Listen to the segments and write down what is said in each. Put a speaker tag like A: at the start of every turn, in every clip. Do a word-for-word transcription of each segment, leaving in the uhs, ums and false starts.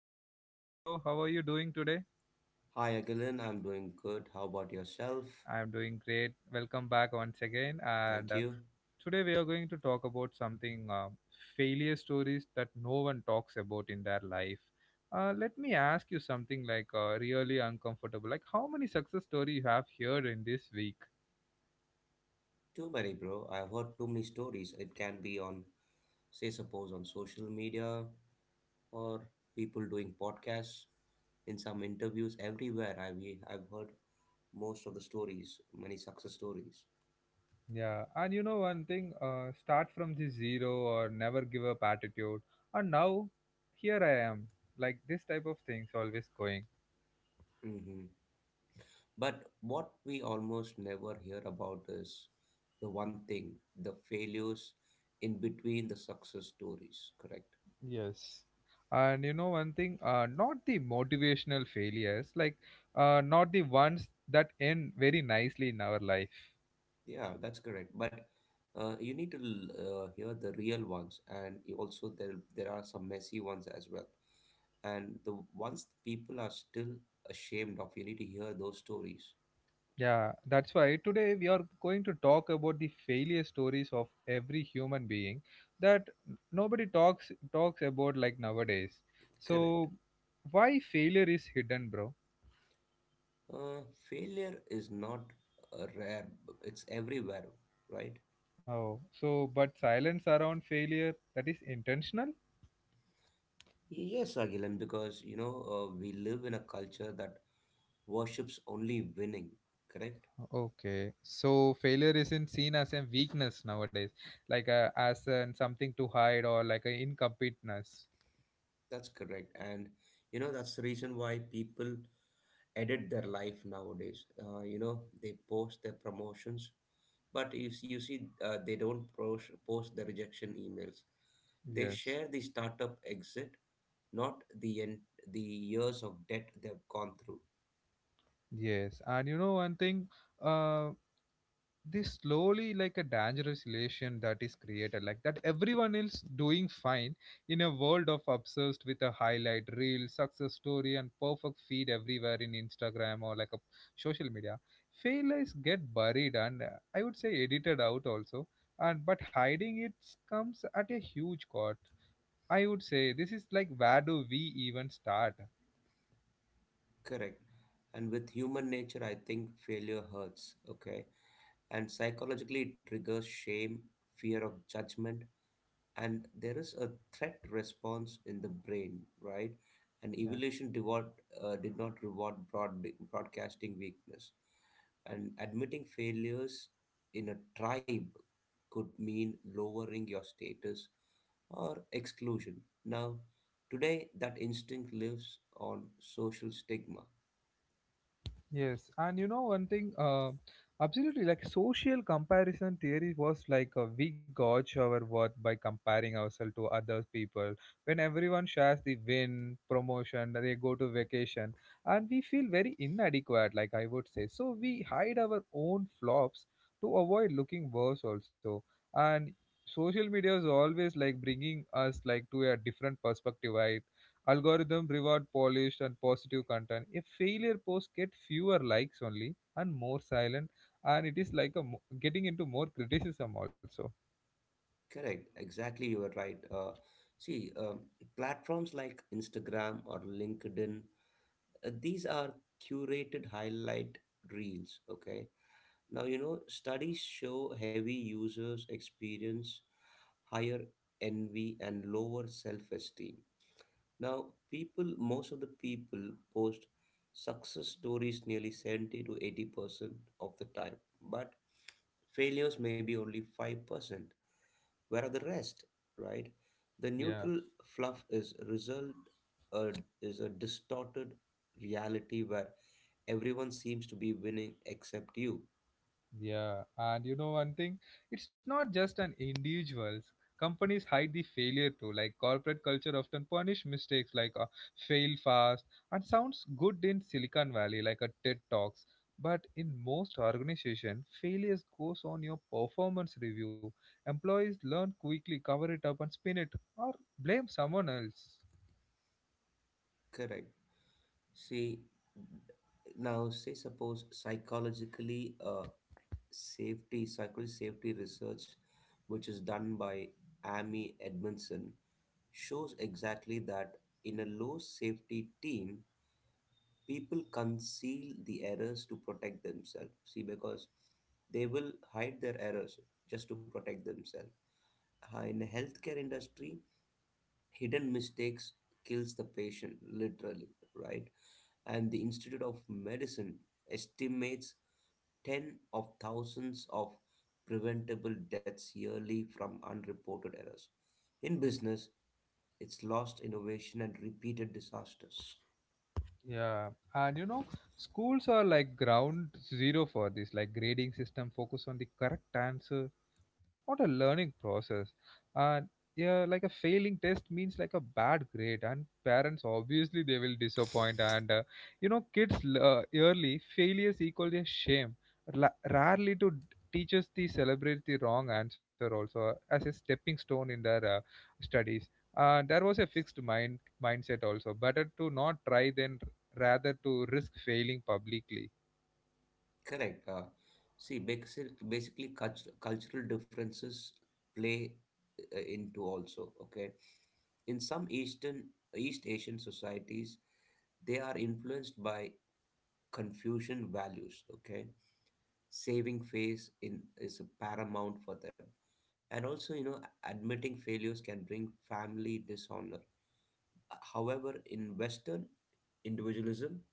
A: Kishore. Hi bro, how are you doing today?
B: Hi, Agilan. I'm doing good. How about yourself?
A: I am doing great. Welcome back once again and
B: Thank
A: uh,
B: you.
A: today we are going to talk about something uh, failure stories that no one talks about in their life. Uh, let me ask you something like uh, really uncomfortable. Like how many success story you have heard in this week?
B: Too many, bro. I've heard too many stories. It can be on, say, suppose on social media or people doing podcasts. In some interviews, everywhere I've I've heard most of the stories, many success stories.
A: Yeah, and you know one thing, uh, start from the zero or never give up attitude. And now, here I am, like this type of things always going.
B: Hmm. But what we almost never hear about is the one thing: the failures in between the success stories. Correct.
A: Yes. And you know one thing, uh, not the motivational failures, like uh, not the ones that end very nicely in our life.
B: Yeah, that's correct. But uh, you need to l- uh, hear the real ones, and you also there there are some messy ones as well. And the ones people are still ashamed of, you need to hear those stories.
A: Yeah, that's why today we are going to talk about the failure stories of every human being that nobody talks talks about like nowadays.
B: Correct.
A: So why failure is hidden, bro?
B: Uh, Failure is not uh, rare; it's everywhere, right?
A: Oh, so but silence around failure that is intentional?
B: Yes, Agilan, because you know uh, we live in a culture that worships only winning. Correct.
A: Okay, so failure isn't seen as a weakness nowadays, like a, as an something to hide or like a incompetence.
B: That's correct, and you know that's the reason why people edit their life nowadays. Uh, you know, they post their promotions, but you, you see, uh, they don't post, post the rejection emails. They
A: Yes.
B: share the startup exit, not the en- the years of debt they've gone through.
A: Yes, and you know one thing, uh, this slowly like a dangerous relation that is created, like that everyone else doing fine in a world of obsessed with a highlight reel, success story, and perfect feed everywhere in Instagram or like a social media. Failures get buried and uh, I would say edited out also, and but hiding it comes at a huge cost. I would say this is like where do we even start?
B: Correct. And with human nature, I think failure hurts. Okay, and psychologically, it triggers shame, fear of judgment, and there is a threat response in the brain, right? And evolution reward, uh, did not reward broad, broadcasting weakness. And admitting failures in a tribe could mean lowering your status or exclusion. Now, today that instinct lives on social stigma.
A: Yes, and you know one thing, uh, absolutely, like social comparison theory was like uh, we gauge our worth by comparing ourselves to other people. When everyone shares the win, promotion, they go to vacation, and we feel very inadequate, like I would say. So we hide our own flops to avoid looking worse also. And social media is always like bringing us like to a different perspective. I Algorithm reward polished and positive content. If failure post get fewer likes only and more silent, and it is like a mo- getting into more criticism also.
B: Correct, exactly, you were right. Uh, see, um, platforms like Instagram or LinkedIn, Uh, these are curated highlight reels. Okay, now you know studies show heavy users experience higher envy and lower self-esteem. Now people most of the people post success stories nearly seventy to eighty percent of the time, but failures may be only five percent. Where are the rest, right? The
A: Yeah.
B: neutral fluff is result. uh, is a distorted reality where everyone seems to be winning except you.
A: Yeah, and you know one thing, it's not just an individuals. Companies hide the failure too. Like corporate culture often punish mistakes like uh, fail fast and sounds good in Silicon Valley like a TED Talks. But in most organization, failures goes on your performance review. Employees learn quickly, cover it up and spin it or blame someone else.
B: Correct. See, now say suppose psychologically uh, safety psychology safety research, which is done by Amy Edmondson, shows exactly that in a low safety team, people conceal the errors to protect themselves. See, because they will hide their errors just to protect themselves. Uh, in the healthcare industry, hidden mistakes kills the patient literally, right? And the Institute of Medicine estimates ten of thousands of preventable deaths yearly from unreported errors. In business, it's lost innovation and repeated disasters.
A: Yeah, and you know, schools are like ground zero for this. Like grading system focus on the correct answer what a learning process and yeah like a failing test means like a bad grade and parents obviously they will disappoint and uh, you know kids l- uh, early failures equal their shame La- rarely to d- teachers they celebrate the wrong answer also uh, as a stepping stone in their uh, studies and there was a fixed mind mindset also better to not try than r- rather to risk failing publicly
B: Correct. Uh, see, basically, basically cultu- cultural differences play uh, into also. Okay, in some eastern East Asian societies, they are influenced by Confucian values. Okay, saving face in is paramount for them, and also you know admitting failures can bring family dishonor. However, in Western individualism,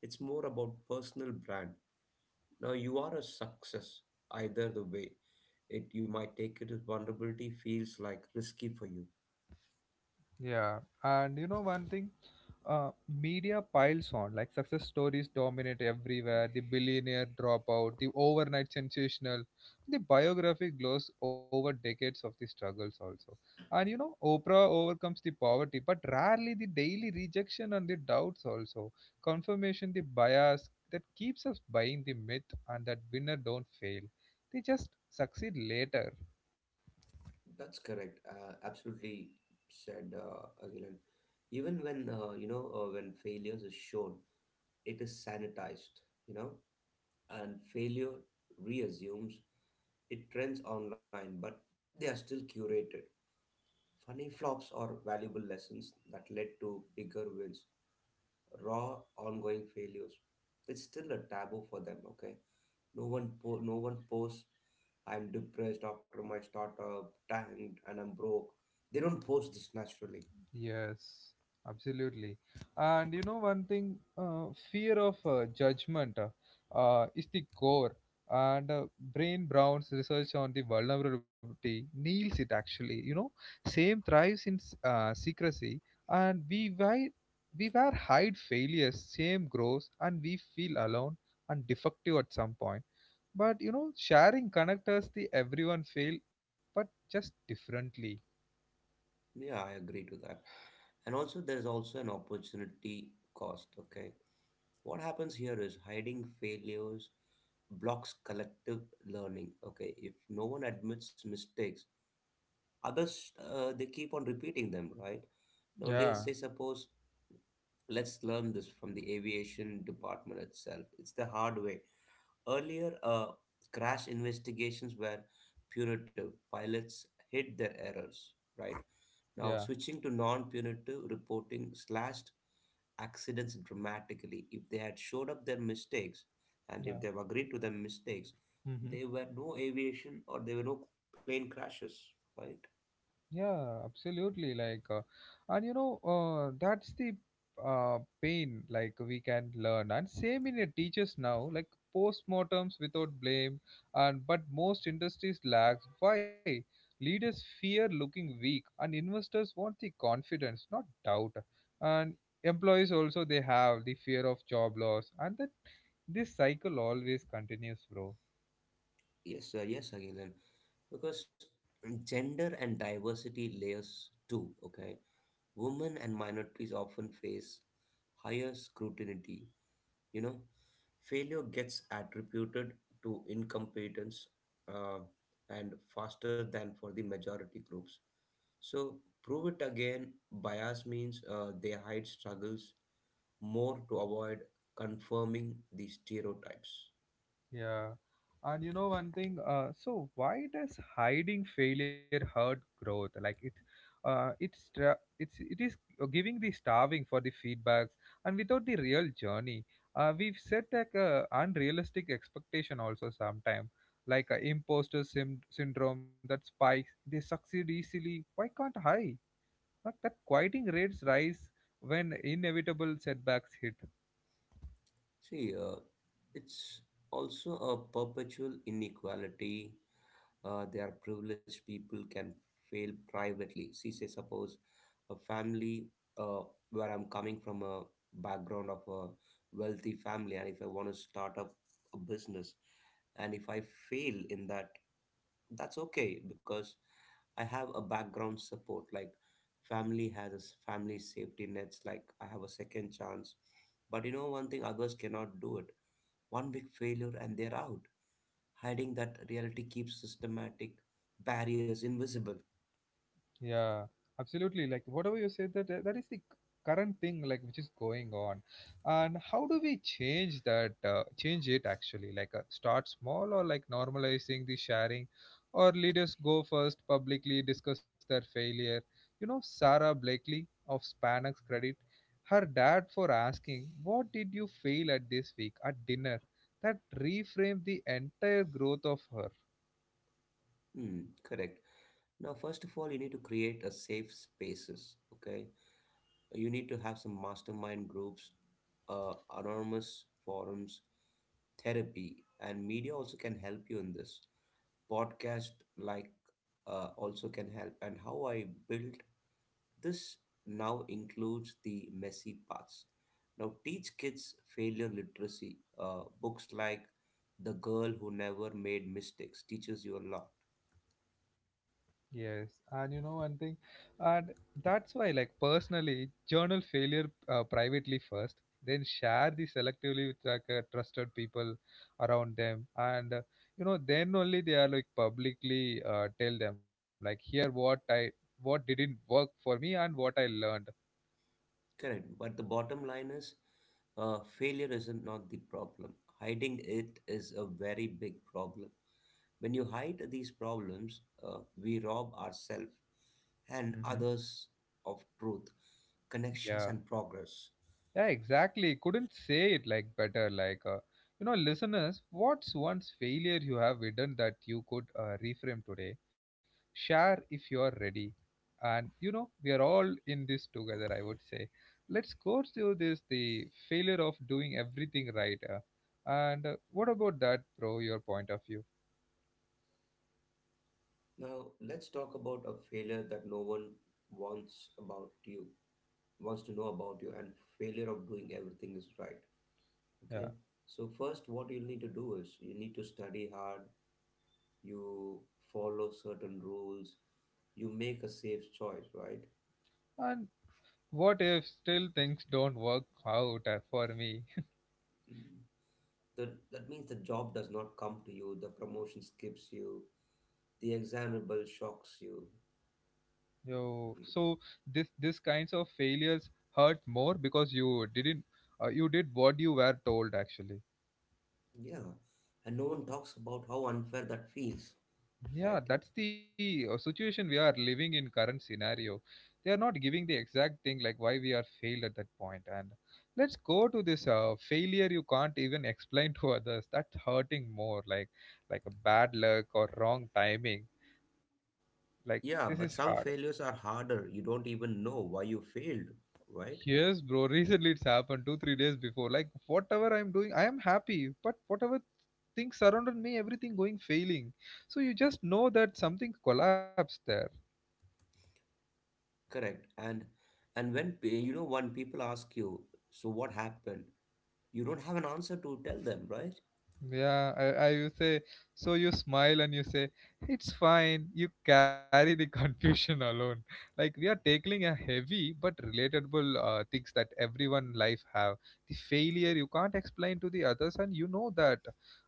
B: it's more about personal brand. Now you are a success either the way. It you might take it as vulnerability feels like risky for you.
A: Yeah, and you know one thing, uh, media piles on like success stories dominate everywhere. The billionaire dropout, the overnight sensational, the biography glows over decades of the struggles also. And you know, Oprah overcomes the poverty, but rarely the daily rejection and the doubts also. Confirmation, the bias that keeps us buying the myth and that winner don't fail. They just succeed later.
B: That's correct. Uh, absolutely said, uh, Agilan. Even when uh, you know uh, when failures is shown, it is sanitized, you know, and failure reassumes. It trends online, but they are still curated. Funny flops are valuable lessons that led to bigger wins. Raw, ongoing failures. It's still a taboo for them. Okay, no one, po- no one posts. I'm depressed after my startup, tanked, and I'm broke. They don't post this naturally.
A: Yes, absolutely. And you know one thing, uh, fear of uh, judgment uh, uh, is the core. And uh, Brain Brown's research on the vulnerability nails it actually. You know, same thrives in s- uh, secrecy, and we why we were hide failures, same grows, and we feel alone and defective at some point. But you know, sharing connect us the everyone fail, but just differently.
B: Yeah, I agree to that. And also, there's also an opportunity cost. Okay. What happens here is hiding failures blocks collective learning. Okay. If no one admits mistakes, others, uh, they keep on repeating them, right? Now, let's
A: Yeah,
B: say, suppose, let's learn this from the aviation department itself. It's the hard way. Earlier, uh, crash investigations were punitive. Pilots hid their errors, right?
A: yeah,
B: Now, switching to non punitive reporting slashed accidents dramatically. If they had showed up their mistakes and if
A: yeah.
B: they've agreed to their mistakes,
A: Mhm.
B: there were no aviation or there were no plane crashes, right?
A: Yeah, absolutely. Like, uh, and you know, uh, that's the uh, pain. Like we can learn, and same in your teachers now. Like postmortems without blame, and but most industries lacks. Why? Leaders fear looking weak, and investors want the confidence, not doubt. And employees also they have the fear of job loss, and that this cycle always continues, bro.
B: Yes, sir. Yes, Agilan. Because gender and diversity layers too, okay? Women and minorities often face higher scrutiny. You know, failure gets attributed to incompetence, uh, and faster than for the majority groups. So, prove it again bias means uh, they hide struggles more to avoid confirming the stereotypes.
A: Yeah. And you know one thing, uh, so why does hiding failure hurt growth? Like it, uh, it's tra- it's it is uh, giving the starving for the feedbacks and without the real journey. Uh, we've set like a unrealistic expectation also sometime, like a imposter sym- syndrome that spikes. They succeed easily. Why can't I? Like that quieting rates rise when inevitable setbacks hit.
B: See, uh, it's also a perpetual inequality. Uh, there are privileged people can fail privately. See, say suppose a family, uh, where I'm coming from a background of a wealthy family, and if I want to start up a business, and if I fail in that, that's okay because I have a background support. Like family has a s- family safety nets. Like I have a second chance. But you know one thing, others cannot do it. One big failure and they're out. Hiding that reality keeps systematic barriers invisible.
A: Yeah, absolutely. Like whatever you say, that uh, that is the current thing, like which is going on, and how do we change that? Uh, change it actually, like uh, start small or like normalizing the sharing, or leaders go first publicly discuss their failure. You know, Sarah Blakely of Spanx Credit, her dad for asking, "What did you fail at this week at dinner?" That reframed the entire growth of her.
B: Hmm, correct. Now, first of all, you need to create a safe spaces. Okay, you need to have some mastermind groups, uh, anonymous forums, therapy, and media also can help you in this. Podcast like uh, also can help. And how I built this now includes the messy parts. Now, teach kids failure literacy. Uh, books like The Girl Who Never Made Mistakes teaches you a lot.
A: Yes, and you know one thing, and that's why, like personally, journal failure uh, privately first, then share the selectively with like uh, trusted people around them, and uh, you know then only they are like publicly uh, tell them like here what I what didn't work for me and what I learned.
B: Correct. But the bottom line is uh, failure isn't not the problem. Hiding it is a very big problem. When you hide these problems, uh, we rob ourselves
A: Hmm.
B: and others of truth, connections,
A: Yeah.
B: and progress.
A: Yeah, exactly. Couldn't say it like better. Like, uh, you know, listeners, what's one's failure you have hidden that you could uh, reframe today? Share if you're ready. And you know, we are all in this together. I would say, let's go through this the failure of doing everything right. Uh, and uh, What about that, bro? Your point of view.
B: Now, let's talk about a failure that no one wants about you, wants to know about you, and failure of doing everything is right.
A: Yeah.
B: Okay. So, first, what you need to do is you need to study hard, you follow certain rules, you make a safe choice, right?
A: And what if still things don't work out uh, for me?
B: Mm. The, that means the job does not come to you, the promotion skips you, the examinable shocks you.
A: Yo, so this this kinds of failures hurt more because you didn't uh, you did what you were told actually.
B: Yeah, and no one talks about how unfair that feels,
A: Yeah,
B: right?
A: that's the uh, situation we are living in current scenario. They are not giving the exact thing like why we are failed at that point. And let's go to this uh, failure you can't even explain to others. That's hurting more like like a bad luck or wrong timing. Like this is
B: Yeah, but
A: hard.
B: some failures are harder. You don't even know why you failed, right?
A: Yes, bro. Recently, it's happened two, three days before. Like whatever I'm doing, I am happy. But whatever things surrounded me, everything going failing. So you just know that something collapsed there.
B: Correct. And and when pe- you know when people ask you, so what happened? You don't have an answer to tell them, right?
A: Yeah, I, I will say, so you smile and you say, it's fine. You carry the confusion alone. Like we are tackling a heavy but relatable uh, things that everyone life have. The failure you can't explain to the others, and you know that.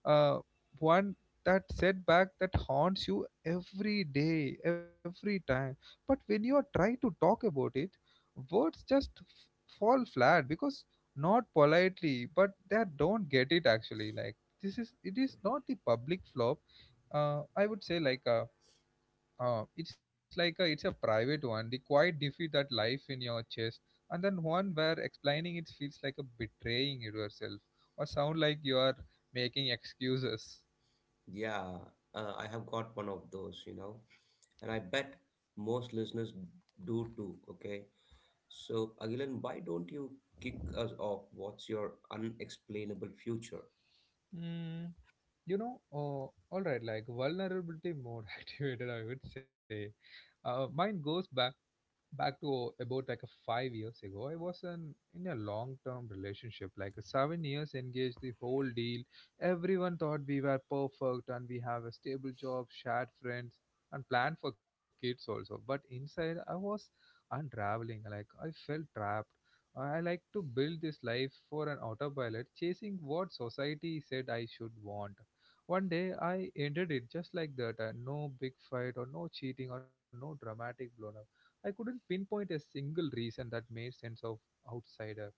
A: Uh, one that setback that haunts you every day, every time. But when you are trying to talk about it, words just f- fall flat because not politely, but they don't get it actually. Like this is it is not the public flop uh, I would say like a uh, it's like a it's a private one the quiet defeat that life in your chest and then one where explaining it feels like a betraying yourself or sound like you are making excuses
B: Yeah, uh, I have got one of those, you know. And I bet most listeners do too. Okay, so Agilan, why don't you kick us off? What's your unexplainable future?
A: mm, you know oh, all right like vulnerability mode activated I would say uh, mine goes back back to about like a five years ago i was an, in a long term relationship like a seven years engaged the whole deal everyone thought we were perfect and we have a stable job shared friends and plan for kids also but inside I was unraveling like I felt trapped I like to build this life for an autopilot chasing what society said I should want one day I ended it just like that uh, no big fight or no cheating or no dramatic blown up. I couldn't pinpoint a single reason that made sense of outsider.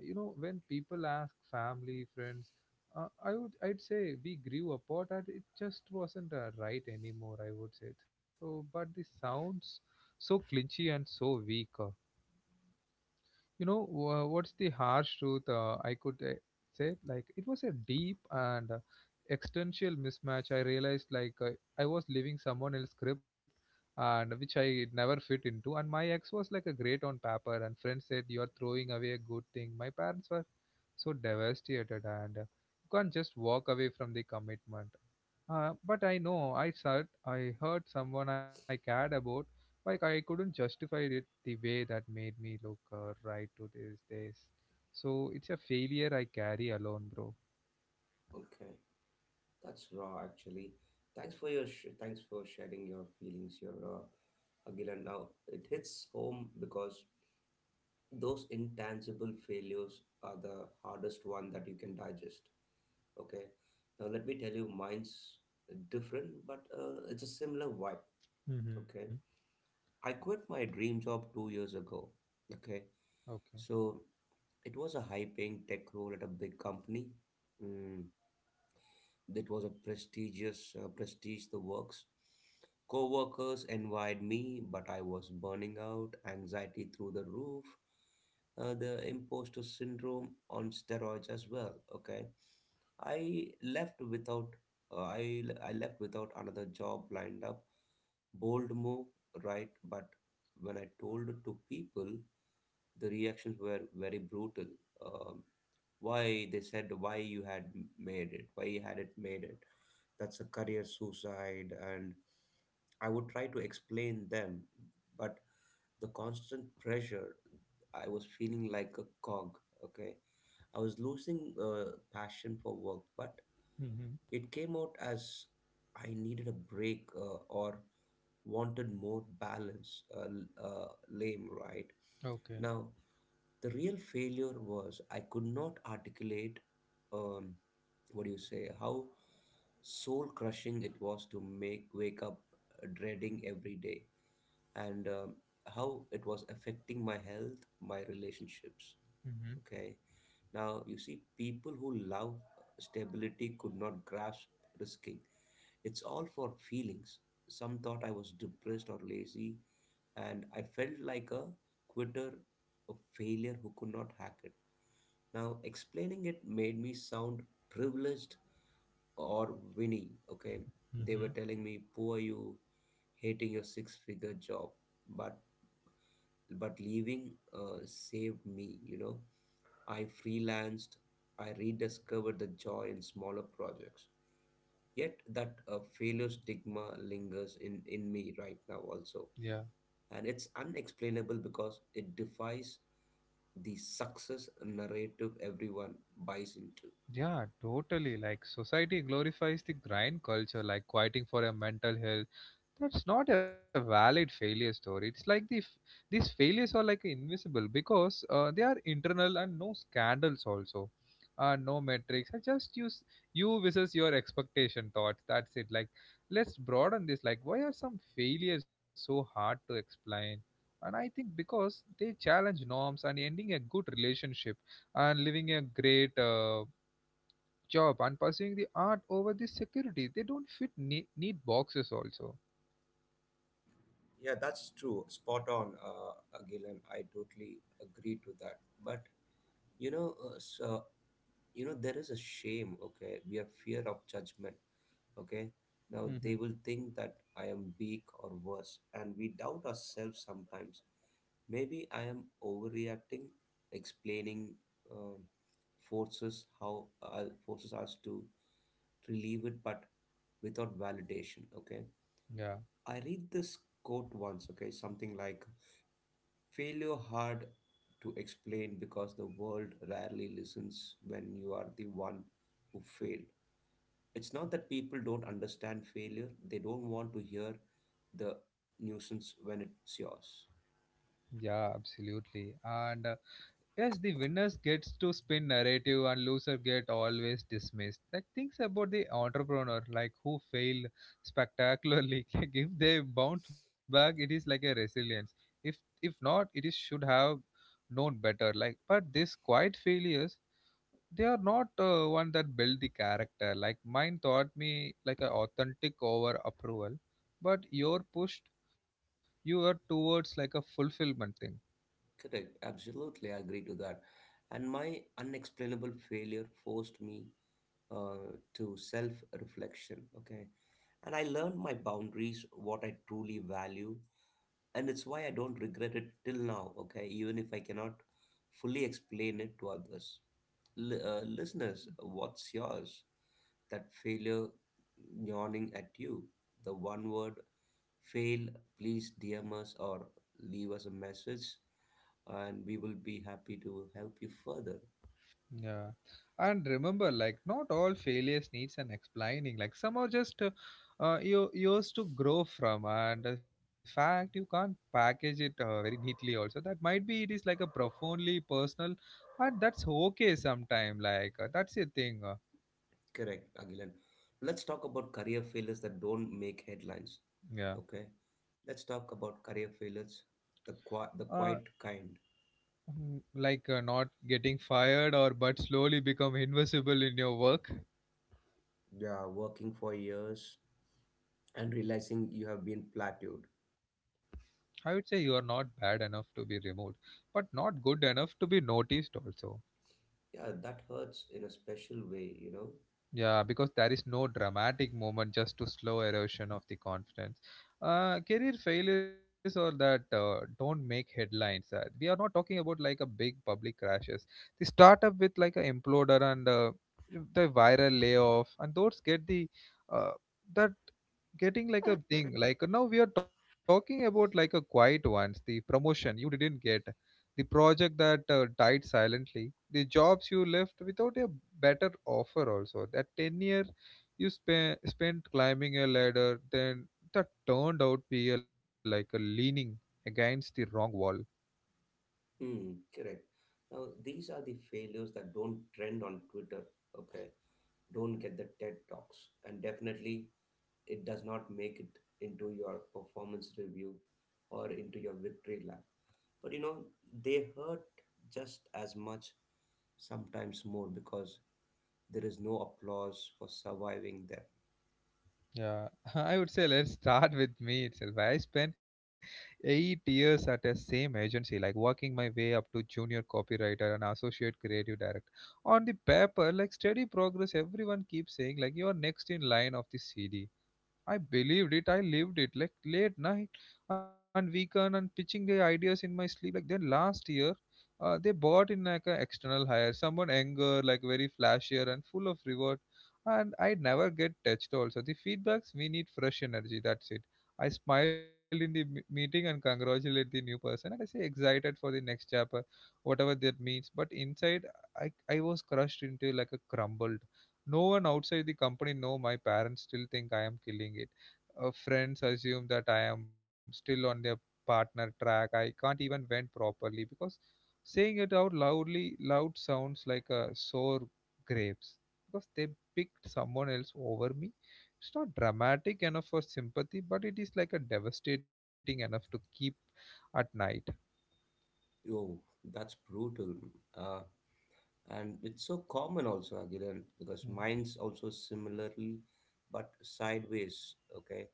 A: You know, when people ask family, friends, uh, I would I'd say we grew apart and it just wasn't uh, right anymore. I would say so, but the sounds so clinchy and so weak. Uh, you know, wha- what's the harsh truth uh, I could uh, say? Like, it was a deep and uh, existential mismatch. I realized, like, uh, I was living someone else's script and which I never fit into. And my ex was like a great on paper, and friends said, You are throwing away a good thing. My parents were so devastated, and uh, you can't just walk away from the commitment. Uh, but I know I said I hurt someone I cared about, like I couldn't justify it the way that made me look uh, right to these days. So it's a failure I carry alone, bro.
B: Okay, that's raw actually. Thanks for your sh- thanks for sharing your feelings, your uh, Agilan. Now it hits home because those intangible failures are the hardest one that you can digest. Okay, now let me tell you, mine's different, but uh, it's a similar vibe.
A: Mm-hmm.
B: Okay, I quit my dream job two years ago. Okay.
A: Okay.
B: So it was a high paying tech role at a big company. Mm. It was a prestigious uh, prestige, the works. Co-workers envied me, but I was burning out, anxiety through the roof, uh, the imposter syndrome on steroids as well. Okay, I left without uh, I I left without another job lined up. Bold move, right? But when I told it to people, the reactions were very brutal. Um, why they said why you had made it? Why you had it made it? That's a career suicide. And I would try to explain them, but the constant pressure, I was feeling like a cog. Okay, I was losing uh, passion for work, but
A: Mm-hmm.
B: it came out as I needed a break uh, or wanted more balance. Uh, l- uh, lame, right?
A: Okay.
B: Now the real failure was I could not articulate, um, what do you say, how soul crushing it was to make wake up dreading every day. And um, how it was affecting my health, my relationships.
A: Mm-hmm.
B: Okay, now you see people who love stability could not grasp risking it's all for feelings. Some thought I was depressed or lazy, and I felt like a quitter, a failure who could not hack it. Now explaining it made me sound privileged or Winnie, okay? They were
A: Mm-hmm.
B: telling me, poor you, hating your six-figure job, but but leaving uh, saved me, you know. I freelanced, I rediscovered the joy in smaller projects. Yet that uh, failure stigma lingers in, in me right now also.
A: Yeah,
B: And it's unexplainable because it defies the success narrative everyone buys into.
A: yeah, totally. Like society glorifies the grind culture, like quieting for a mental health, that's not a valid failure story. It's like the f- These failures are like invisible because uh, they are internal and no scandals also, uh, no metrics. I just use you versus your expectation thoughts, that's it. Like let's broaden this, like why are some failures so hard to explain? And I think because they challenge norms, and ending a good relationship and living a great uh, job and pursuing the art over the security, they don't fit ne- neat boxes also.
B: Yeah, that's true. Spot on, uh, uh, Gillen. I totally agree to that. But you know, uh, so, you know, there is a shame. Okay, we have fear of judgment. Okay, now they will think that I am weak or worse, and we doubt ourselves sometimes. Maybe I am overreacting, explaining, um forces how uh, forces us to relieve it, but without validation. Okay,
A: Yeah,
B: I read this quote once. Okay, something like, failure hard to explain because the world rarely listens when you are the one who failed. It's not that people don't understand failure, they don't want to hear the nuisance when it's yours.
A: yeah, absolutely. And uh, yes, the winners gets to spin narrative and loser get always dismissed. Like things about the entrepreneur, like who failed spectacularly. Like if they bounce back, it is like a resilience. If if not, it is should have known better. Like but this quiet failures, they are not uh, one that build the character. Like mine taught me like an authentic over approval, but you're pushed you are towards like a fulfillment thing.
B: Correct, absolutely I agree to that. And my unexplainable failure forced me uh, to self reflection, okay? And I learned my boundaries, what I truly value, and it's why I don't regret it till now, okay, even if I cannot fully explain it to others. L- uh, listeners, what's yours? That failure yawning at you, the one word fail, please D M us or leave us a message, and we will be happy to help you further.
A: Yeah, and remember, like not all failures needs an explaining. Like some are just uh, uh, you yours to grow from, and the fact you can't package it uh, very neatly. Also, that might be it is like a profoundly personal, and that's okay sometime. Like uh, that's a thing. Uh,
B: Correct, Agilan. Let's talk about career failures that don't make headlines,
A: yeah.
B: okay? Let's talk about career failures, the, qui-
A: Uh,
B: the quiet kind,
A: Mm, like uh, not getting fired or but slowly become invisible in your work.
B: yeah, working for years and realizing you have been plateaued.
A: I would say you are not bad enough to be removed but not good enough to be noticed also.
B: Yeah, that hurts in a special way, you know.
A: Yeah, because there is no dramatic moment, just to slow erosion of the confidence. Uh, career failures or that uh, don't make headlines. Uh, we are not talking about like a big public crashes. The startup with like a imploder and uh, the viral layoff, and those get the uh, that getting like a thing. Like now we are talking about like a quiet ones. The promotion you didn't get, the project that uh, died silently, the jobs you left without a better offer also. That ten year you spe- spent climbing a ladder, then that turned out be a, like a leaning against the wrong wall.
B: Hmm, correct. Now, these are the failures that don't trend on Twitter, okay? Don't get the TED Talks. And definitely, it does not make it into your performance review or into your victory lap. But you know, they hurt just as much, sometimes more, because there is no applause for surviving them.
A: Yeah, I would say let's start with me itself. I spent eight years at the same agency, like working my way up to junior copywriter and associate creative director. On the paper, like steady progress, everyone keeps saying like you're next in line of the C D. I believed it. I lived it. Like late night and weekend and pitching the ideas in my sleep. Like then last year, uh, they bought in like an external hire, someone younger, like very flashier and full of reward. And I never get touched. Also, the feedbacks we need fresh energy. That's it. I smiled in the m- meeting and congratulate the new person, and I say excited for the next chapter, whatever that means. But inside, I I was crushed into like a crumbled. No one outside the company know, my parents still think I am killing it. Uh, friends assume that I am still on their partner track. I can't even vent properly because saying it out loudly loud sounds like a sore grapes, because they picked someone else over me. It's not dramatic enough for sympathy, but it is like a devastating enough to keep at night.
B: Oh, that's brutal. Uh, and it's so common also, Agilan, because mine's also similarly, but sideways. Okay.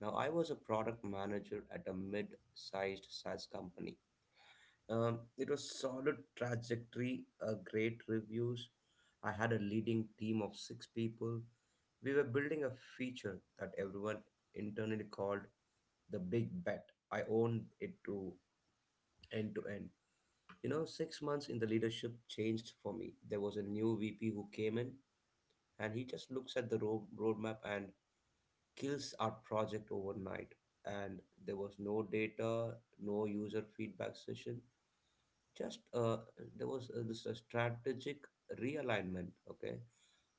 B: Now, I was a product manager at a mid sized SaaS company. Um, it was solid trajectory, uh, great reviews. I had a leading team of six people. We were building a feature that everyone internally called the big bet. I owned it to end to end. You know, six months in the leadership changed for me. There was a new V P who came in and he just looks at the road, roadmap and kills our project overnight. And there was no data, no user feedback session. Just uh, there was uh, this uh, strategic realignment. Okay,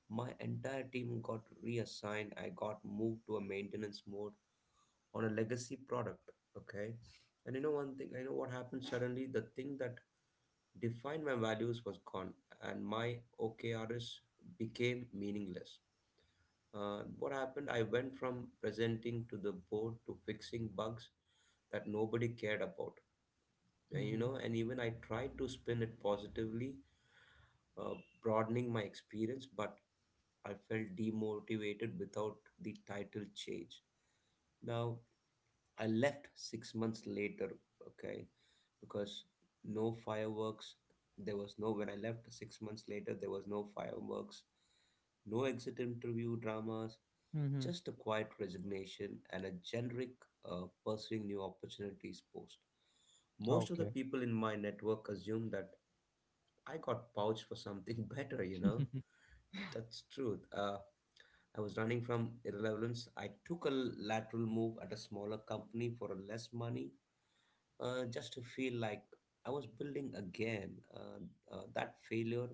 B: my entire team got reassigned. I got moved to a maintenance mode on a legacy product. Okay, and you know one thing, I know what happened. Suddenly the thing that defined my values was gone, and my O K Rs became meaningless. Uh, what happened? I went from presenting to the board to fixing bugs that nobody cared about. and,
A: Mm-hmm.
B: you know and even I tried to spin it positively, uh, broadening my experience, but I felt demotivated without the title change. Now I left six months later, okay, because no fireworks. There was no, when I left six months later, there was no fireworks, no exit interview dramas,
A: Mm-hmm.
B: just a quiet resignation and a generic uh, pursuing new opportunities post.
A: Okay.
B: Most of the people in my network assume that I got pouched for something better, you know? That's truth. Uh, I was running from irrelevance. I took a lateral move at a smaller company for less money, uh, just to feel like I was building again. Uh, uh, that failure,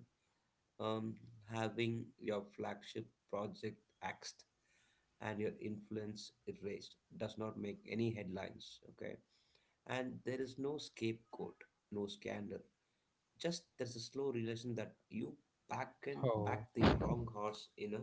B: um, having your flagship project axed and your influence erased, does not make any headlines. Okay, and there is no scapegoat, no scandal. Just there's a slow realization that you back and
A: Oh.
B: back the wrong horse in a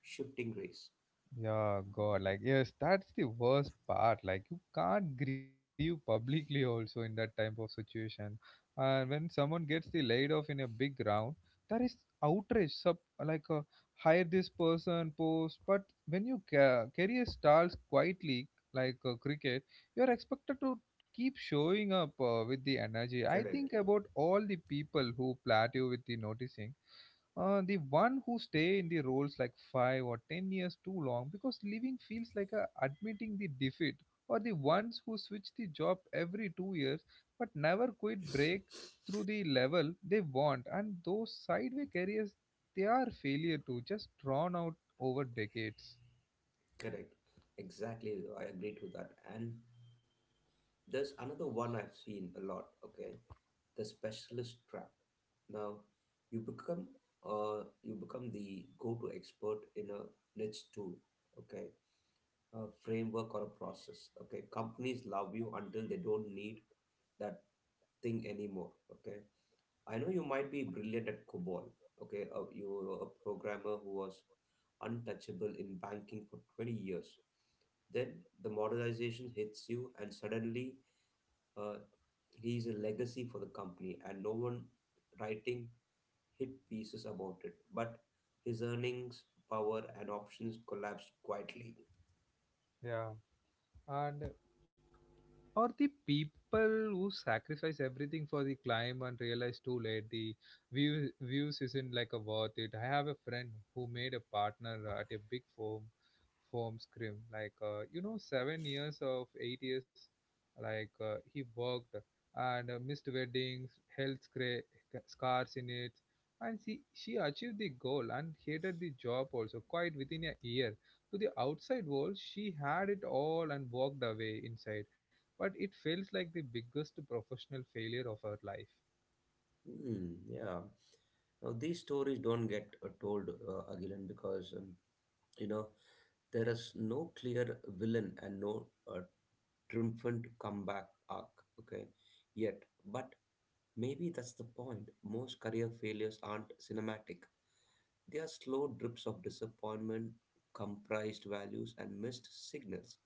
B: shifting race.
A: Yeah, God, like yes, that's the worst part. Like you can't grieve publicly also in that type of situation. And when someone gets the laid off in a big round, there is outrage. Sub like uh, hire this person post, but when you ca- career starts quietly like uh, cricket, you're expected to keep showing up uh, with the energy. I
B: Correct.
A: think about all the people who plateau with the noticing. Uh, the one who stay in the roles like five or ten years too long because leaving feels like a admitting the defeat, or the ones who switch the job every two years but never quit break through the level they want, and those sideway careers, they are failure to just drawn out over decades.
B: Correct. Exactly. I agree to that. And there's another one I've seen a lot, okay? The specialist trap. Now, you become uh you become the go-to expert in a niche tool, okay? A framework or a process, okay? Companies love you until they don't need that thing anymore, okay? I know you might be brilliant at COBOL, okay? Uh, you were a programmer who was untouchable in banking for twenty years. Then the modernization hits you, and suddenly, uh, he is a legacy for the company, and no one writing hit pieces about it. But his earnings, power, and options collapsed quietly.
A: Yeah, and or the people who sacrifice everything for the climb and realize too late the view, views isn't like a worth it. I have a friend who made a partner at a big firm firm scrim like uh, you know, seven years of eight years, like uh, he worked and uh, missed weddings, health scra- scars in it, and she, she achieved the goal and hated the job also quite within a year. To the outside world she had it all and walked away inside, but it feels like the biggest professional failure of our life.
B: Hmm, yeah. Now these stories don't get uh, told uh, again because, um, you know there is no clear villain and no uh, triumphant comeback arc. Okay, yet, but maybe that's the point. Most career failures aren't cinematic. They are slow drips of disappointment, comprised values, and missed signals.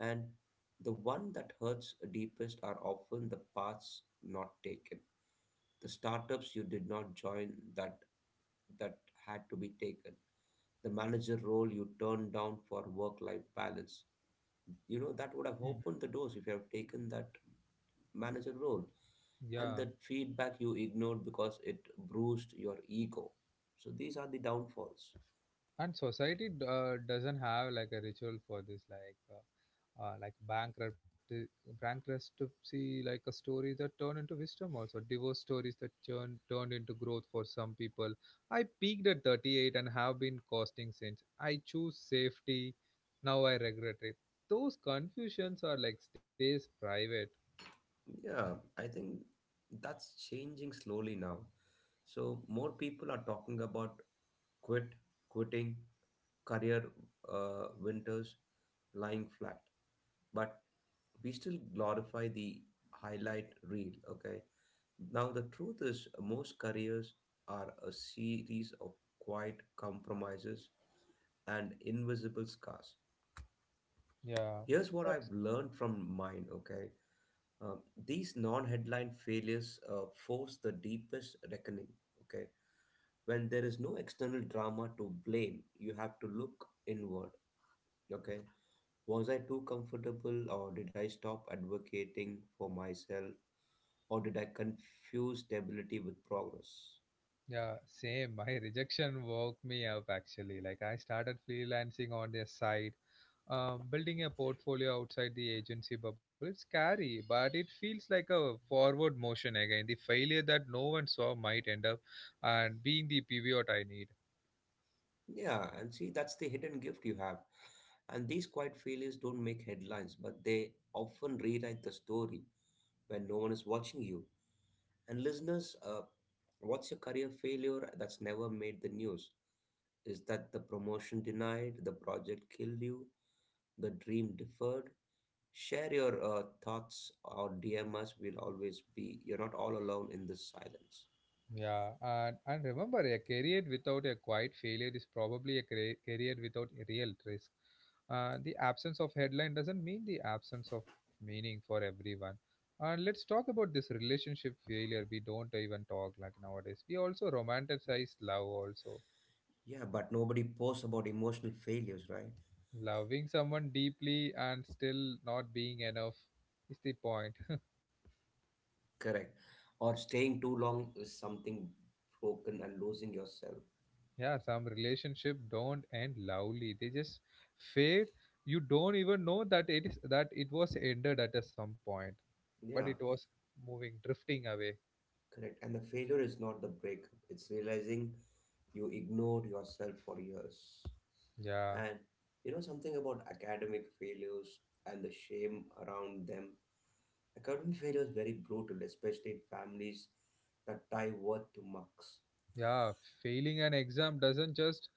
B: And the one that hurts deepest are often the paths not taken, the startups you did not join that that had to be taken, the manager role you turned down for work-life balance. You know that would have
A: Mhm.
B: opened the doors if you have taken that manager role,
A: Yeah,
B: and that feedback you ignored because it bruised your ego. So these are the downfalls.
A: and society d- uh, doesn't have like a ritual for this, like uh, uh, like bankruptcy, bankruptcy, like a story that turn into wisdom, also divorce stories that turn turned into growth for some people. I peaked at thirty-eight and have been costing since. I choose safety, now I regret it. Those confusions are like stays private.
B: Yeah, I think that's changing slowly now. So more people are talking about quit, quitting, career uh, winters, lying flat. But we still glorify the highlight reel. Okay. Now the truth is, most careers are a series of quiet compromises and invisible scars.
A: Yeah,
B: Here's what
A: but
B: I've learned from mine. Okay. Um, these non-headline failures uh, force the deepest reckoning. Okay, when there is no external drama to blame, you have to look inward. Okay, was I too comfortable, or did I stop advocating for myself, or did I confuse stability with progress?
A: yeah, same. My rejection woke me up actually. Like I started freelancing on the side, um, building a portfolio outside the agency bubble. It's scary, but it feels like a forward motion again. The failure that no one saw might end up and being the pivot I need.
B: Yeah, and see, that's the hidden gift you have. And these quiet failures don't make headlines, but they often rewrite the story when no one is watching you. And listeners, uh, what's your career failure that's never made the news? Is that the promotion denied, the project killed you, the dream deferred? Share your uh, thoughts or D M us. We'll always be, you're not all alone in this silence.
A: Yeah, and, and remember, a career without a quiet failure is probably a cra- career without a real risk. Uh, the absence of headline doesn't mean the absence of meaning for everyone. And let's talk about this relationship failure. We don't even talk like nowadays. We also romanticize love, also
B: Yeah, but nobody posts about emotional failures, right?
A: loving someone deeply and still not being enough is the point.
B: Correct. Or staying too long is something broken and losing yourself.
A: Yeah, some relationship don't end loudly. They just fade. You don't even know that it is that it was ended at a some point, but it
B: Yeah.
A: was moving, drifting away.
B: Correct. And the failure is not the breakup, it's realizing you ignored yourself for years.
A: Yeah,
B: And you know something about academic failures and the shame around them? Academic failure is very brutal, especially in families that tie worth to marks.
A: yeah. Failing an exam doesn't just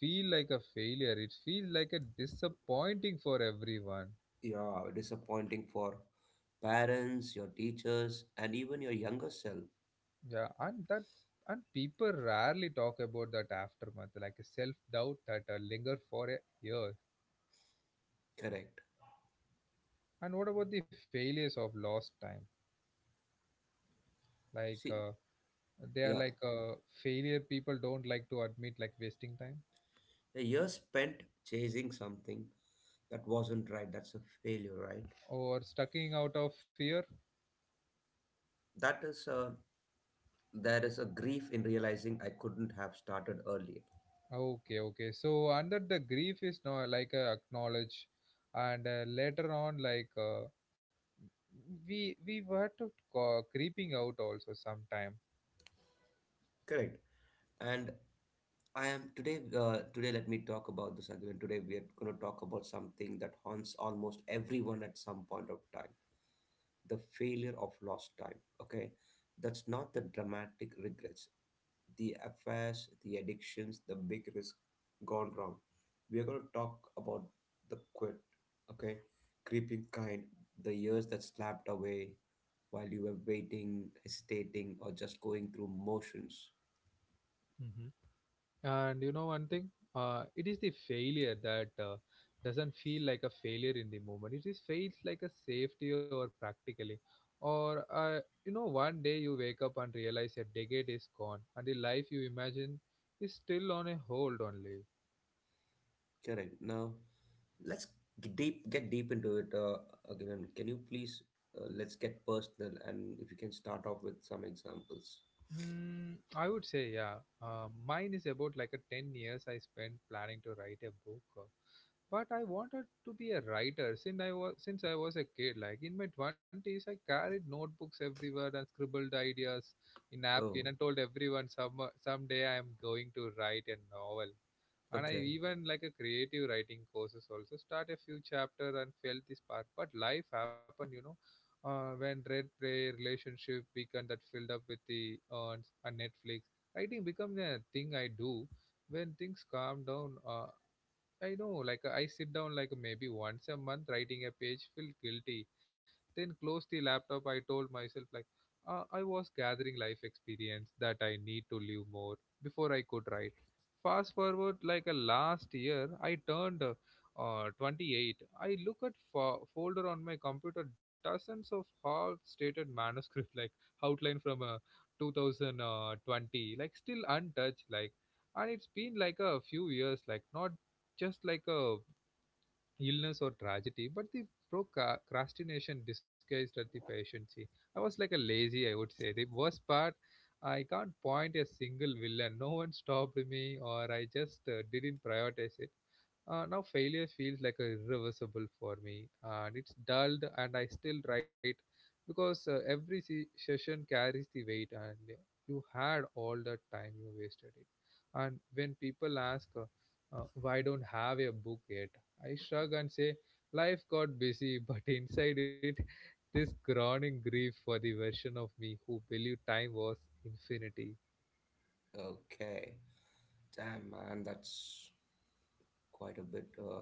A: feel like a failure. It feels like a disappointing for everyone.
B: Yeah, disappointing for parents, your teachers, and even your younger self.
A: Yeah, and that, and people rarely talk about that aftermath, like a self doubt that uh, linger for a year.
B: Correct.
A: And what about the failures of lost time? Like
B: See,
A: uh, they are
B: yeah,
A: like uh, failure people don't like to admit, like wasting time
B: a year spent chasing something that wasn't right, that's a failure, right?
A: or stucking out of fear.
B: that is uh, there is a grief in realizing I couldn't have started earlier.
A: Okay, okay, so under the grief is now like uh, acknowledge and uh, later on like uh, we we were to co- creeping out also sometime.
B: Correct. And i am today uh, today let me talk about this again. Today we are going to talk about something that haunts almost everyone at some point of time, the failure of lost time. Okay, that's not the dramatic regrets, the affairs, the addictions, the big risk gone wrong. We're going to talk about the quit, okay? Creeping kind, the years that slapped away while you were waiting, hesitating, or just going through motions.
A: And you know one thing, uh, it is the failure that uh, doesn't feel like a failure in the moment. It is feels like a safety or practically, or uh, you know, one day you wake up and realize a decade is gone and the life you imagine is still on a hold only.
B: Correct. Now, let's get deep, get deep into it, uh, again. Can you please, uh, let's get personal, and if you can start off with some examples.
A: Mm, I would say, yeah. Uh, mine is about like a ten years I spent planning to write a book. uh, But I wanted to be a writer since I was since I was a kid. Like in my twenties, I carried notebooks everywhere and scribbled ideas in napkin
B: Oh,
A: and told everyone some someday I am going to write a novel, and I
B: okay.
A: even like a creative writing courses also start a few chapters and felt this spark, but life happened, you know. Uh, when red play relationship weekend that filled up with the earns and netflix, writing become a thing I do when things calm down. uh, I know, like I sit down like maybe once a month writing a page, feel guilty, then close the laptop. I told myself like, uh, I was gathering life experience that I need to live more before I could write. Fast forward like a last year, I turned uh, uh, twenty-eight. I look at fo- folder on my computer, dozens of half-stated manuscript like outline from uh, two thousand twenty, like still untouched, like and it's been like a few years, like not just like a illness or tragedy, but the procrastination disguised as the patiency. I was like a lazy, I would say. The worst part, I can't point a single villain. No one stopped me, or I just uh, didn't prioritize it. Uh, now failure feels like a irreversible for me, and it's dulled, and I still write because uh, every se- session carries the weight, and you had all the time you wasted it. And when people ask, uh, uh, "Why don't have a book yet?" I shrug and say, Life got busy, but inside it, this groaning grief for the version of me who believed time was infinity.
B: Okay. Damn, man, that's quite a bit, uh,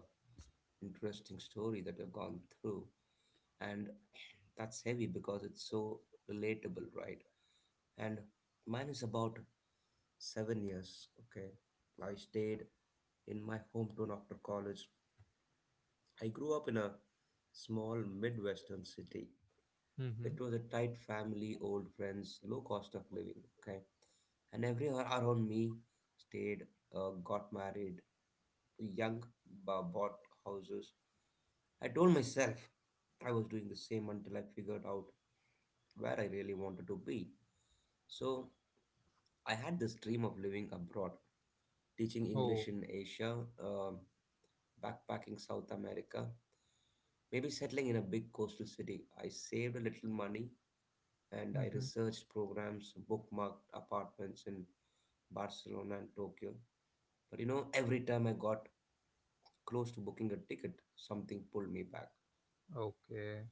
B: interesting story that you've gone through. And that's heavy because it's so relatable, right? And mine is about seven years, okay? I stayed in my hometown after college. I grew up in a small Midwestern city.
A: Mm-hmm.
B: It was a tight family, old friends, low cost of living, okay? And everyone around me stayed, uh, got married, young, b- bought houses. I told myself I was doing the same until I figured out where I really wanted to be. So I had this dream of living abroad, teaching
A: Oh,
B: English in Asia, um, backpacking South America, maybe settling in a big coastal city. I saved a little money and
A: mm-hmm.
B: I researched programs, bookmarked apartments in Barcelona and Tokyo. But you know, every time I got close to booking a ticket, something pulled me back.
A: Okay.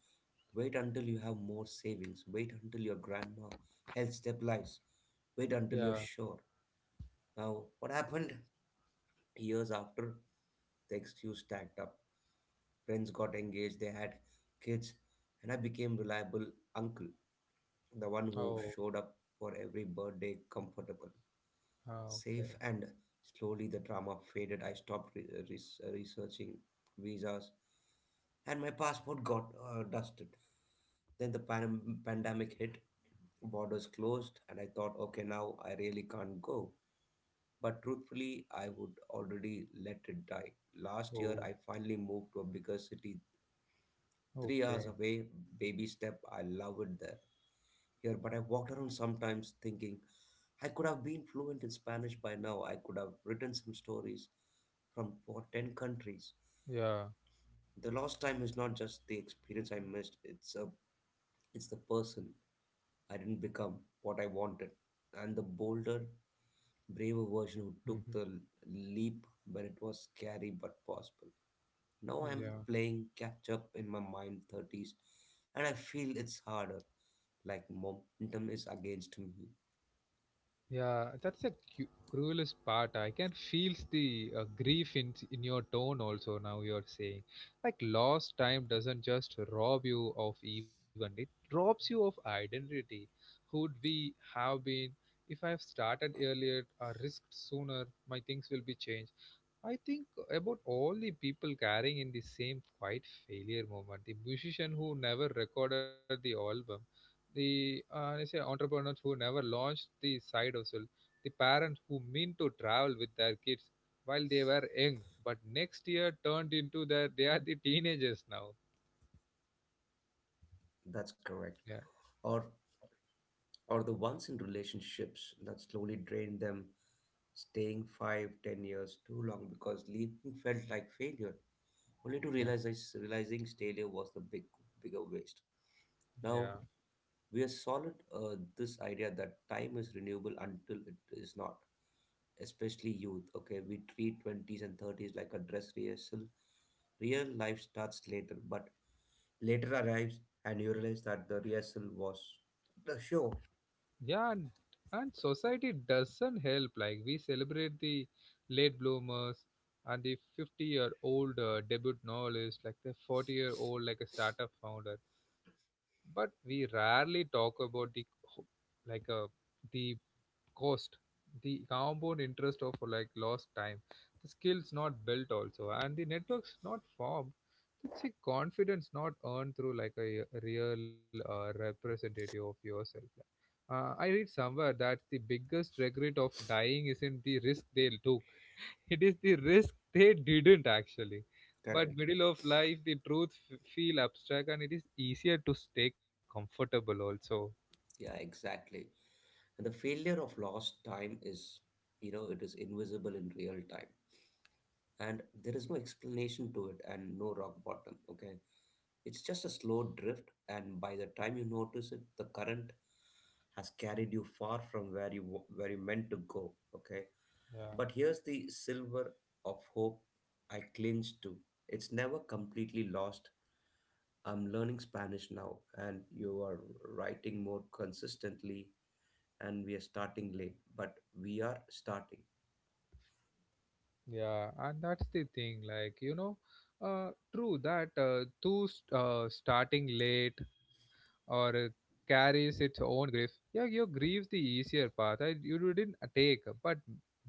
B: Wait until you have more savings. Wait until your grandma health stabilizes. Wait
A: Yeah.
B: until you're sure. Now, what happened? Years after, the excuse stacked up. Friends got engaged, they had kids, and I became reliable uncle, the one
A: Oh,
B: who showed up for every birthday, comfortable,
A: ah, okay.
B: safe. And slowly the drama faded. I stopped re- uh, res- uh, researching visas, and my passport got, uh, dusted. Then the pan- pandemic hit. Borders closed, and I thought, okay, now I really can't go. But truthfully, I would already let it die. Last year
A: Oh,
B: I finally moved to a bigger city, three hours
A: okay.
B: away. Baby step. I love it there, here, but I walked around sometimes thinking I could have been fluent in Spanish by now. I could have written some stories from for ten countries.
A: Yeah.
B: The lost time is not just the experience I missed. It's a it's the person I didn't become, what I wanted. And the bolder, braver version who took
A: Hmm.
B: the leap when it was scary but possible. Now I'm
A: Yeah.
B: playing catch up in my mind thirties, and I feel it's harder, like momentum is against me.
A: Yeah, that's the cu- cruelest part. I can feel the uh, grief in in your tone also. Now you're saying, like lost time doesn't just rob you of even it robs you of identity. Who'd we have been if I have started earlier or risked sooner? My things will be changed. I think about all the people carrying in the same quiet failure moment. The musician who never recorded the album, the uh, I say entrepreneurs who never launched the side hustle, the parents who mean to travel with their kids while they were young, but next year turned into their they are the teenagers now.
B: That's
A: Yeah,
B: correct. Or or the ones in relationships that slowly drained them, staying five, ten years too long because leaving felt like failure, only to
A: yeah,
B: realize realizing failure was the big bigger waste.
A: yeah.
B: Now we are solid, uh, this idea that time is renewable until it is not, especially youth. Okay, we treat twenties and thirties like a dress rehearsal. Real life starts later, but later arrives and you realize that the rehearsal was the show.
A: Yeah, and, and society doesn't help. Like we celebrate the late bloomers and the fifty year old uh, debut novelist, like the forty year old, like a startup founder. But we rarely talk about the co- like uh, the cost, the compound interest of like lost time, the skills not built also, and the networks not formed. It's a confidence not earned through like a real uh, representative of yourself like. Uh, I read somewhere that the biggest regret of dying isn't the risk they took, it is the risk they didn't actually. But
B: Correct.
A: middle of life, the truth f- feel abstract and it is easier to stay comfortable also.
B: Yeah, exactly. And the failure of lost time is, you know, it is invisible in real time. And there is no explanation to it and no rock bottom, okay? It's just a slow drift, and by the time you notice it, the current has carried you far from where you wa- where you meant to go, okay?
A: Yeah.
B: But here's the silver of hope I cling to. It's never completely lost. I'm learning Spanish now, and you are writing more consistently and we are starting late, but we are starting.
A: Yeah, and that's the thing, like, you know, uh, true that uh, too st- uh, starting late or uh, carries its own grief. Yeah, your grief's the easier path I, you didn't uh, take, but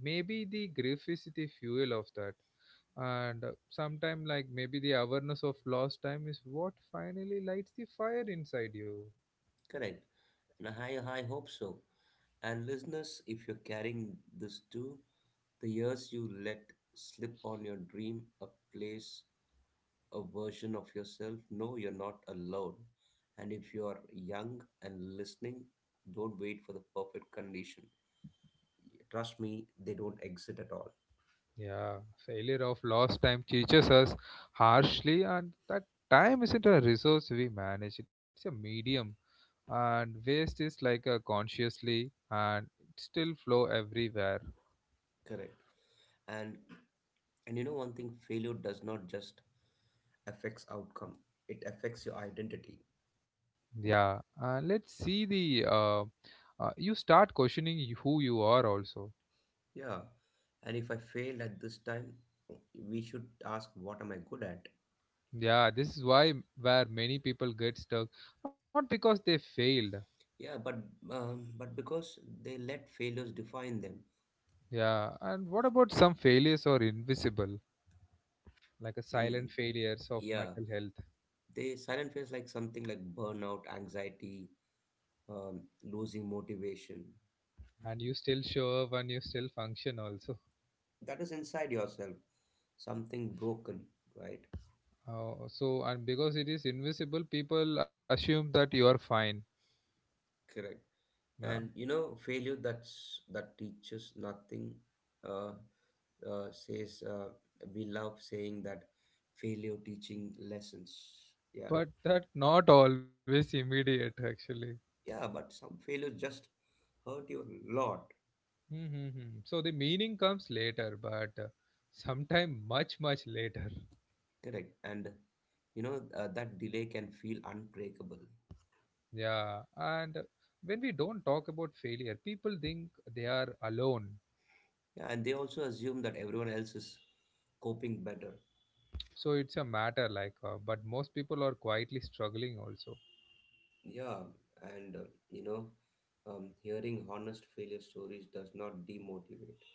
A: maybe the grief is the fuel of that. And uh, sometime, like, maybe the awareness of lost time is what finally lights the fire inside you.
B: Correct. And I, I hope so. And listeners, if you're carrying this too, the years you let slip on your dream, a place, a version of yourself, no, you're not alone. And if you're young and listening, don't wait for the perfect condition. Trust me, they don't exist at all.
A: Yeah, failure of lost time teaches us harshly, and that time isn't a resource we manage, it's a medium. And waste is like a consciously, and it still flow everywhere.
B: Correct. And and you know one thing, failure does not just affects outcome. It affects your identity.
A: Yeah, and let's see the uh, uh, you start questioning y- who you are also.
B: Yeah. And if I failed at this time, we should ask, what am I good at?
A: Yeah, this is why m- where many people get stuck, not because they failed.
B: Yeah, but um, but because they let failures define them.
A: Yeah, and what about some failures are invisible, like a silent
B: Mm,
A: failures of
B: yeah,
A: mental health?
B: they silent fears like something like burnout, anxiety, um, losing motivation.
A: And you still show up and you still function also.
B: That is inside yourself, something broken, right?
A: Uh, so and because it is invisible people assume that you are fine.
B: Correct. And
A: Yeah,
B: you know failure that's that teaches nothing. uh, uh, Says uh, we love saying that failure teaching lessons, yeah.
A: but that not always immediate actually.
B: Yeah, but some failure just hurt you a lot.
A: Mm-hmm. So the meaning comes later but uh, sometime much much later.
B: Correct. And you know uh, that delay can feel unbreakable.
A: Yeah, and when we don't talk about failure people think they are alone.
B: Yeah, and they also assume that everyone else is coping better.
A: So it's a matter like uh, but most people are quietly struggling also.
B: Yeah. And uh, you know, um, hearing honest failure stories does not demotivate.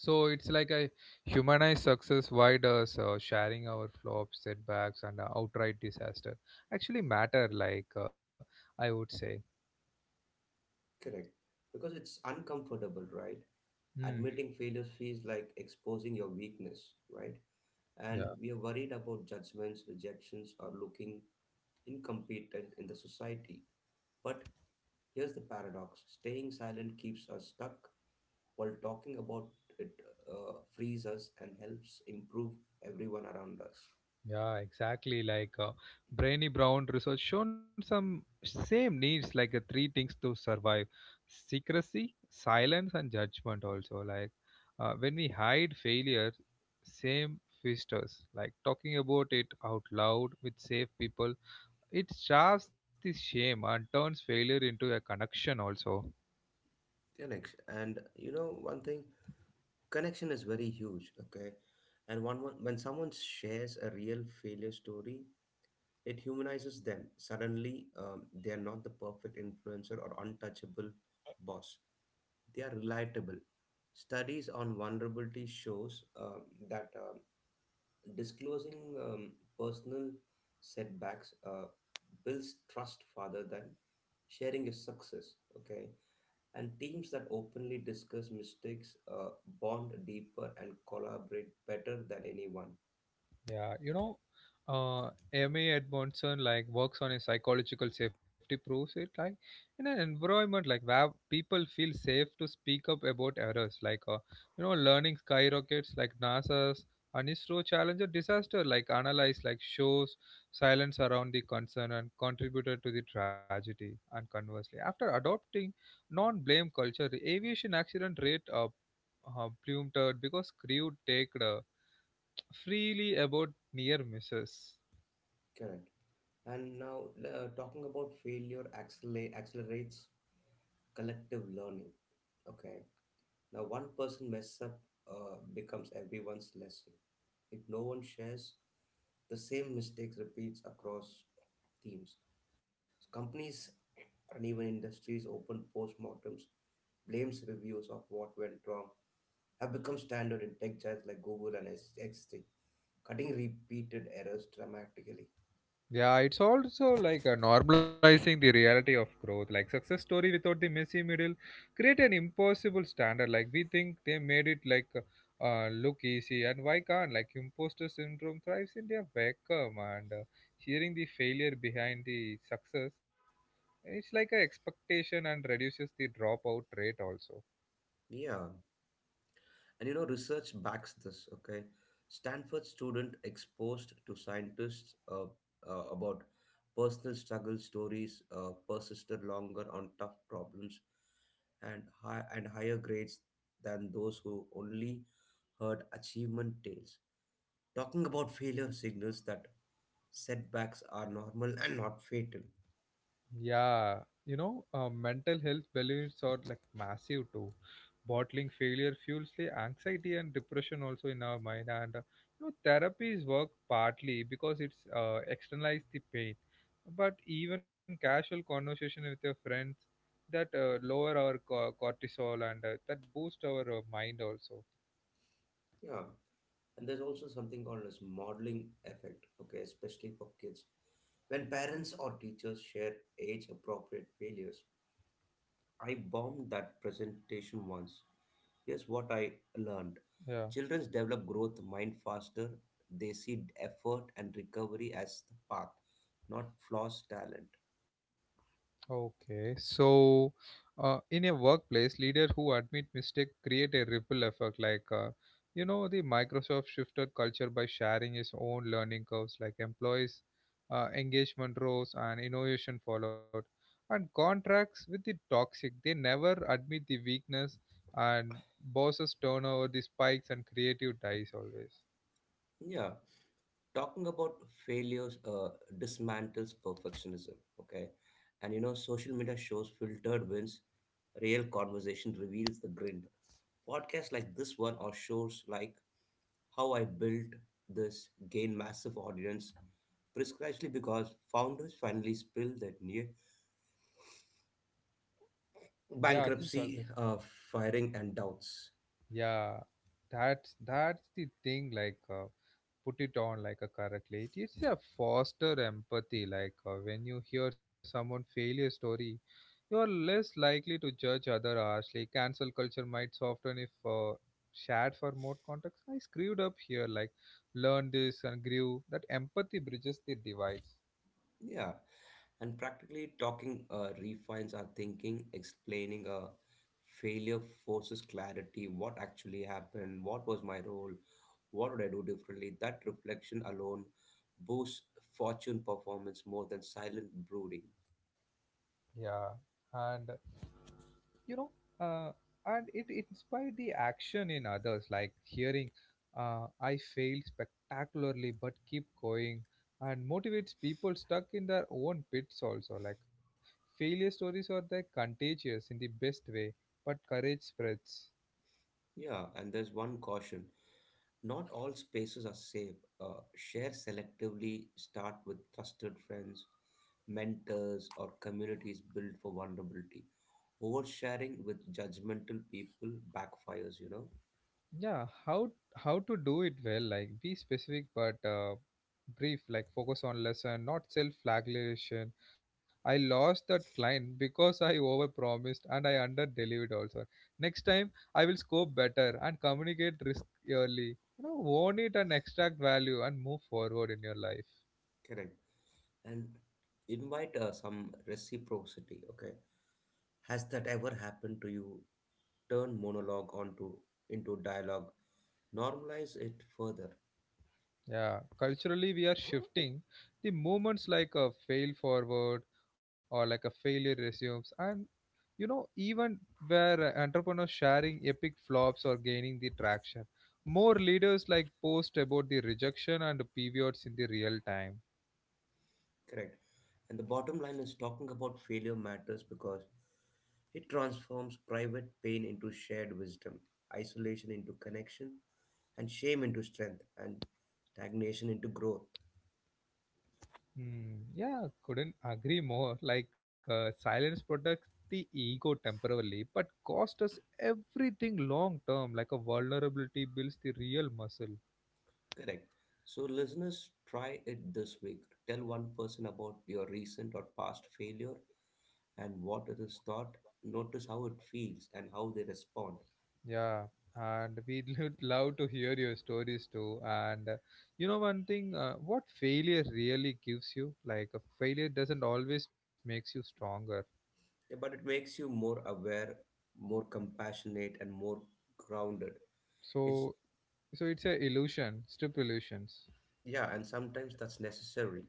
A: So it's like a humanized success. Why does uh, so sharing our flops, setbacks, and uh, outright disaster actually matter? Like uh, I would say,
B: Correct. Because it's uncomfortable, right?
A: hmm,
B: Admitting failures feels like exposing your weakness, right?
A: yeah,
B: And we are worried about judgments, rejections, or looking incompetent in the society. But here's the paradox, staying silent keeps us stuck, while talking about it uh, frees us and helps improve everyone around us.
A: yeah, exactly. Like uh, Brainy Brown research shown some same needs, like uh, three things to survive: secrecy, silence, and judgment. Also, like uh, when we hide failure, same fisters. Like talking about it out loud with safe people. It shafts the shame and turns failure into a connection also.
B: Connect. And you know, one thing, connection is very huge, okay? And one, one when someone shares a real failure story, it humanizes them. Suddenly, um, they are not the perfect influencer or untouchable boss. They are relatable. Studies on vulnerability shows um, that um, disclosing um, personal setbacks uh, builds trust rather than sharing is success. Okay, and teams that openly discuss mistakes uh, bond deeper and collaborate better than anyone.
A: Yeah, you know, uh, M. A. Edmondson like works on a psychological safety proves it like in an environment like where people feel safe to speak up about errors like uh, you know learning skyrockets like NASA's Anistro Challenger disaster like analyze like shows silence around the concern and contributed to the tragedy and conversely after adopting non-blame culture the aviation accident rate uh, uh, plummeted because crew take freely about near misses.
B: Correct. And now, uh, talking about failure acceler- accelerates collective learning. Okay. Now, one person mess up uh, becomes everyone's lesson. If no one shares, the same mistakes repeats across teams. So companies and even industries open postmortems, blames reviews of what went wrong, have become standard in tech giants like Google and X T, cutting repeated errors dramatically.
A: Yeah, it's also like uh, normalizing the reality of growth. Like success story without the messy middle create an impossible standard. Like we think they made it like uh, look easy, and why can't like imposter syndrome thrives in their vacuum and uh, hearing the failure behind the success. It's like a expectation and reduces the dropout rate also.
B: Yeah. And you know, research backs this, okay? Stanford student exposed to scientists uh, uh, about personal struggle stories uh, persisted longer on tough problems and, high, and higher grades than those who only heard achievement tales. Talking about failure signals that setbacks are normal and not fatal.
A: Yeah, you know, uh, mental health balloons are like massive too. Bottling failure fuels the anxiety and depression also in our mind, and uh, you know, therapies work partly because it's uh, externalize the pain, but even casual conversation with your friends that uh, lower our co- cortisol and uh, that boost our uh, mind also.
B: Yeah. And there's also something called as modeling effect, okay, especially for kids. When parents or teachers share age appropriate failures, I bombed that presentation once. Here's what I learned,
A: Yeah.
B: children develop growth mind faster, they see effort and recovery as the path, not flaws, talent.
A: Okay, so uh, in a workplace, leaders who admit mistake create a ripple effect. Like uh, you know, the Microsoft shifted culture by sharing its own learning curves, like employees' uh, engagement rose and innovation followed. And contracts with the toxic, they never admit the weakness, and bosses turn over the spikes and creative dies always.
B: Yeah, talking about failures uh, dismantles perfectionism, okay? And you know, social media shows filtered wins. Real conversation reveals the grid. Podcasts like this one or shows like How I Built This gain massive audience precisely because founders finally spill their near
A: Yeah, this is always.
B: bankruptcy, uh, firing, and doubts.
A: Yeah, that's that's the thing. Like. Uh, put it on like a correctly it is a foster empathy like uh, when you hear someone failure story you are less likely to judge other harshly. Cancel culture might soften if uh, shared for more context. I screwed up here like learn this and grew that empathy bridges the divides.
B: Yeah, and practically talking uh, refines our thinking, explaining a failure forces clarity, what actually happened, what was my role, what would I do differently? That reflection alone boosts fortune performance more than silent brooding.
A: Yeah, and you know, uh, and it inspired the action in others like hearing uh, I failed spectacularly but keep going and motivates people stuck in their own pits also like failure stories are the contagious in the best way but courage spreads.
B: Yeah, and there's one caution. Not all spaces are safe. Uh, share selectively, start with trusted friends, mentors, or communities built for vulnerability. Oversharing with judgmental people backfires, you know?
A: Yeah, how how to do it well like be specific but uh, brief like focus on lesson not self flagellation. I lost that client because I overpromised and I underdelivered. Also next time I will scope better and communicate risk early, you know. Own it and extract value and move forward in your life.
B: Correct. And invite uh, some reciprocity, okay? Has that ever happened to you? Turn monologue onto into dialogue, normalize it further.
A: Yeah, culturally we are shifting the movements like a fail forward or like a failure resumes, and you know even where uh, entrepreneurs sharing epic flops or gaining the traction, more leaders like post about the rejection and pivots in the real time.
B: Correct. And the bottom line is talking about failure matters because it transforms private pain into shared wisdom, isolation into connection, and shame into strength, and stagnation into growth.
A: Hmm, yeah, couldn't agree more like uh, silence protects the ego temporarily but cost us everything long term like a vulnerability builds the real muscle.
B: Correct. So, listeners, try it this week. Tell one person about your recent or past failure and what it is taught. Notice how it feels and how they respond.
A: Yeah, and we'd love to hear your stories too. And uh, you know one thing, uh, what failure really gives you, like a failure doesn't always makes you stronger.
B: Yeah, but it makes you more aware, more compassionate, and more grounded. It's
A: So, so it's a illusion, strip illusions.
B: yeah, and sometimes that's necessary.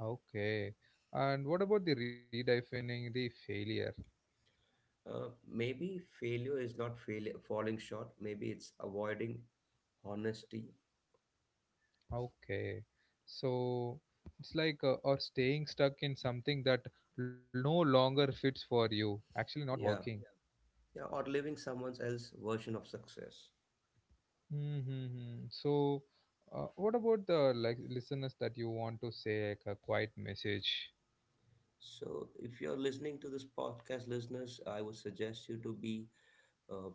A: Okay. And what about the redefining the failure?
B: Uh, maybe failure is not fail falling short. Maybe it's avoiding honesty.
A: Okay. So it's like uh, or staying stuck in something that no longer fits for you, actually not
B: Yeah,
A: working.
B: yeah, or living someone else's version of success.
A: Mm-hmm. So, uh, what about the like listeners that you want to say like a quiet message?
B: So, if you're listening to this podcast, listeners, I would suggest you to be uh,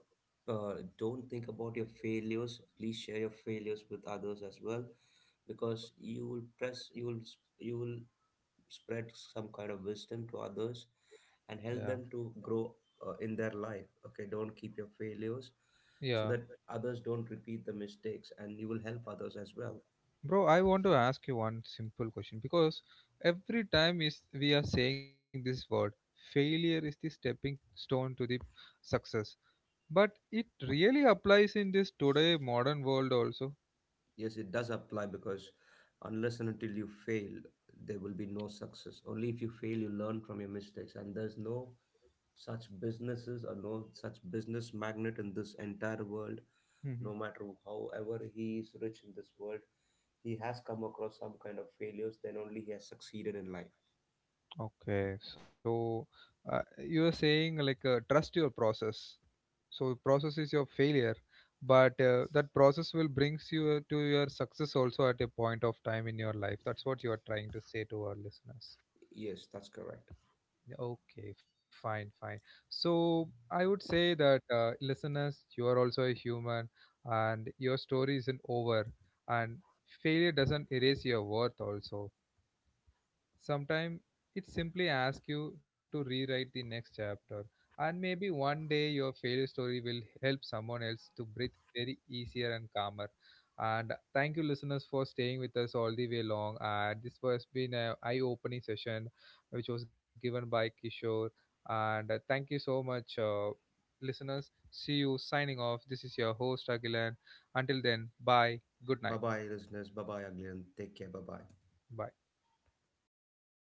B: uh, don't think about your failures. Please share your failures with others as well, because you will press, you will, you will spread some kind of wisdom to others and
A: Yeah,
B: help them to grow uh, in their life. Okay, don't keep your failures so
A: yeah,
B: that others don't repeat the mistakes and you will help others as well.
A: bro. I want to ask you one simple question because every time is we are saying this word, failure is the stepping stone to the success, but it really applies in this today modern world also.
B: Yes, it does apply because unless and until you fail there will be no success. Only if you fail you learn from your mistakes, and there's no such businesses or no such business magnet in this entire world, no
A: Mm-hmm.
B: matter however he is rich in this world, he has come across some kind of failures, then only he has succeeded in life.
A: Okay, so uh, you are saying like uh, trust your process. So the process is your failure but uh, that process will brings you uh, to your success also at a point of time in your life. That's what you are trying to say to our listeners.
B: Yes, that's correct.
A: Yeah, okay, fine, fine. So I would say that uh, listeners you are also a human and your story isn't over and failure doesn't erase your worth also. Sometimes it simply asks you to rewrite the next chapter, and maybe one day your failure story will help someone else to breathe very easier and calmer. And thank you, listeners, for staying with us all the way long. And this has been an eye-opening session, which was given by Kishore. And uh, thank you so much, uh, listeners. See you signing off. This is your host Agilan. Until then, bye. Good
B: Bye
A: night.
B: bye, listeners. Bye bye, again. Take care. Bye bye.
A: Bye.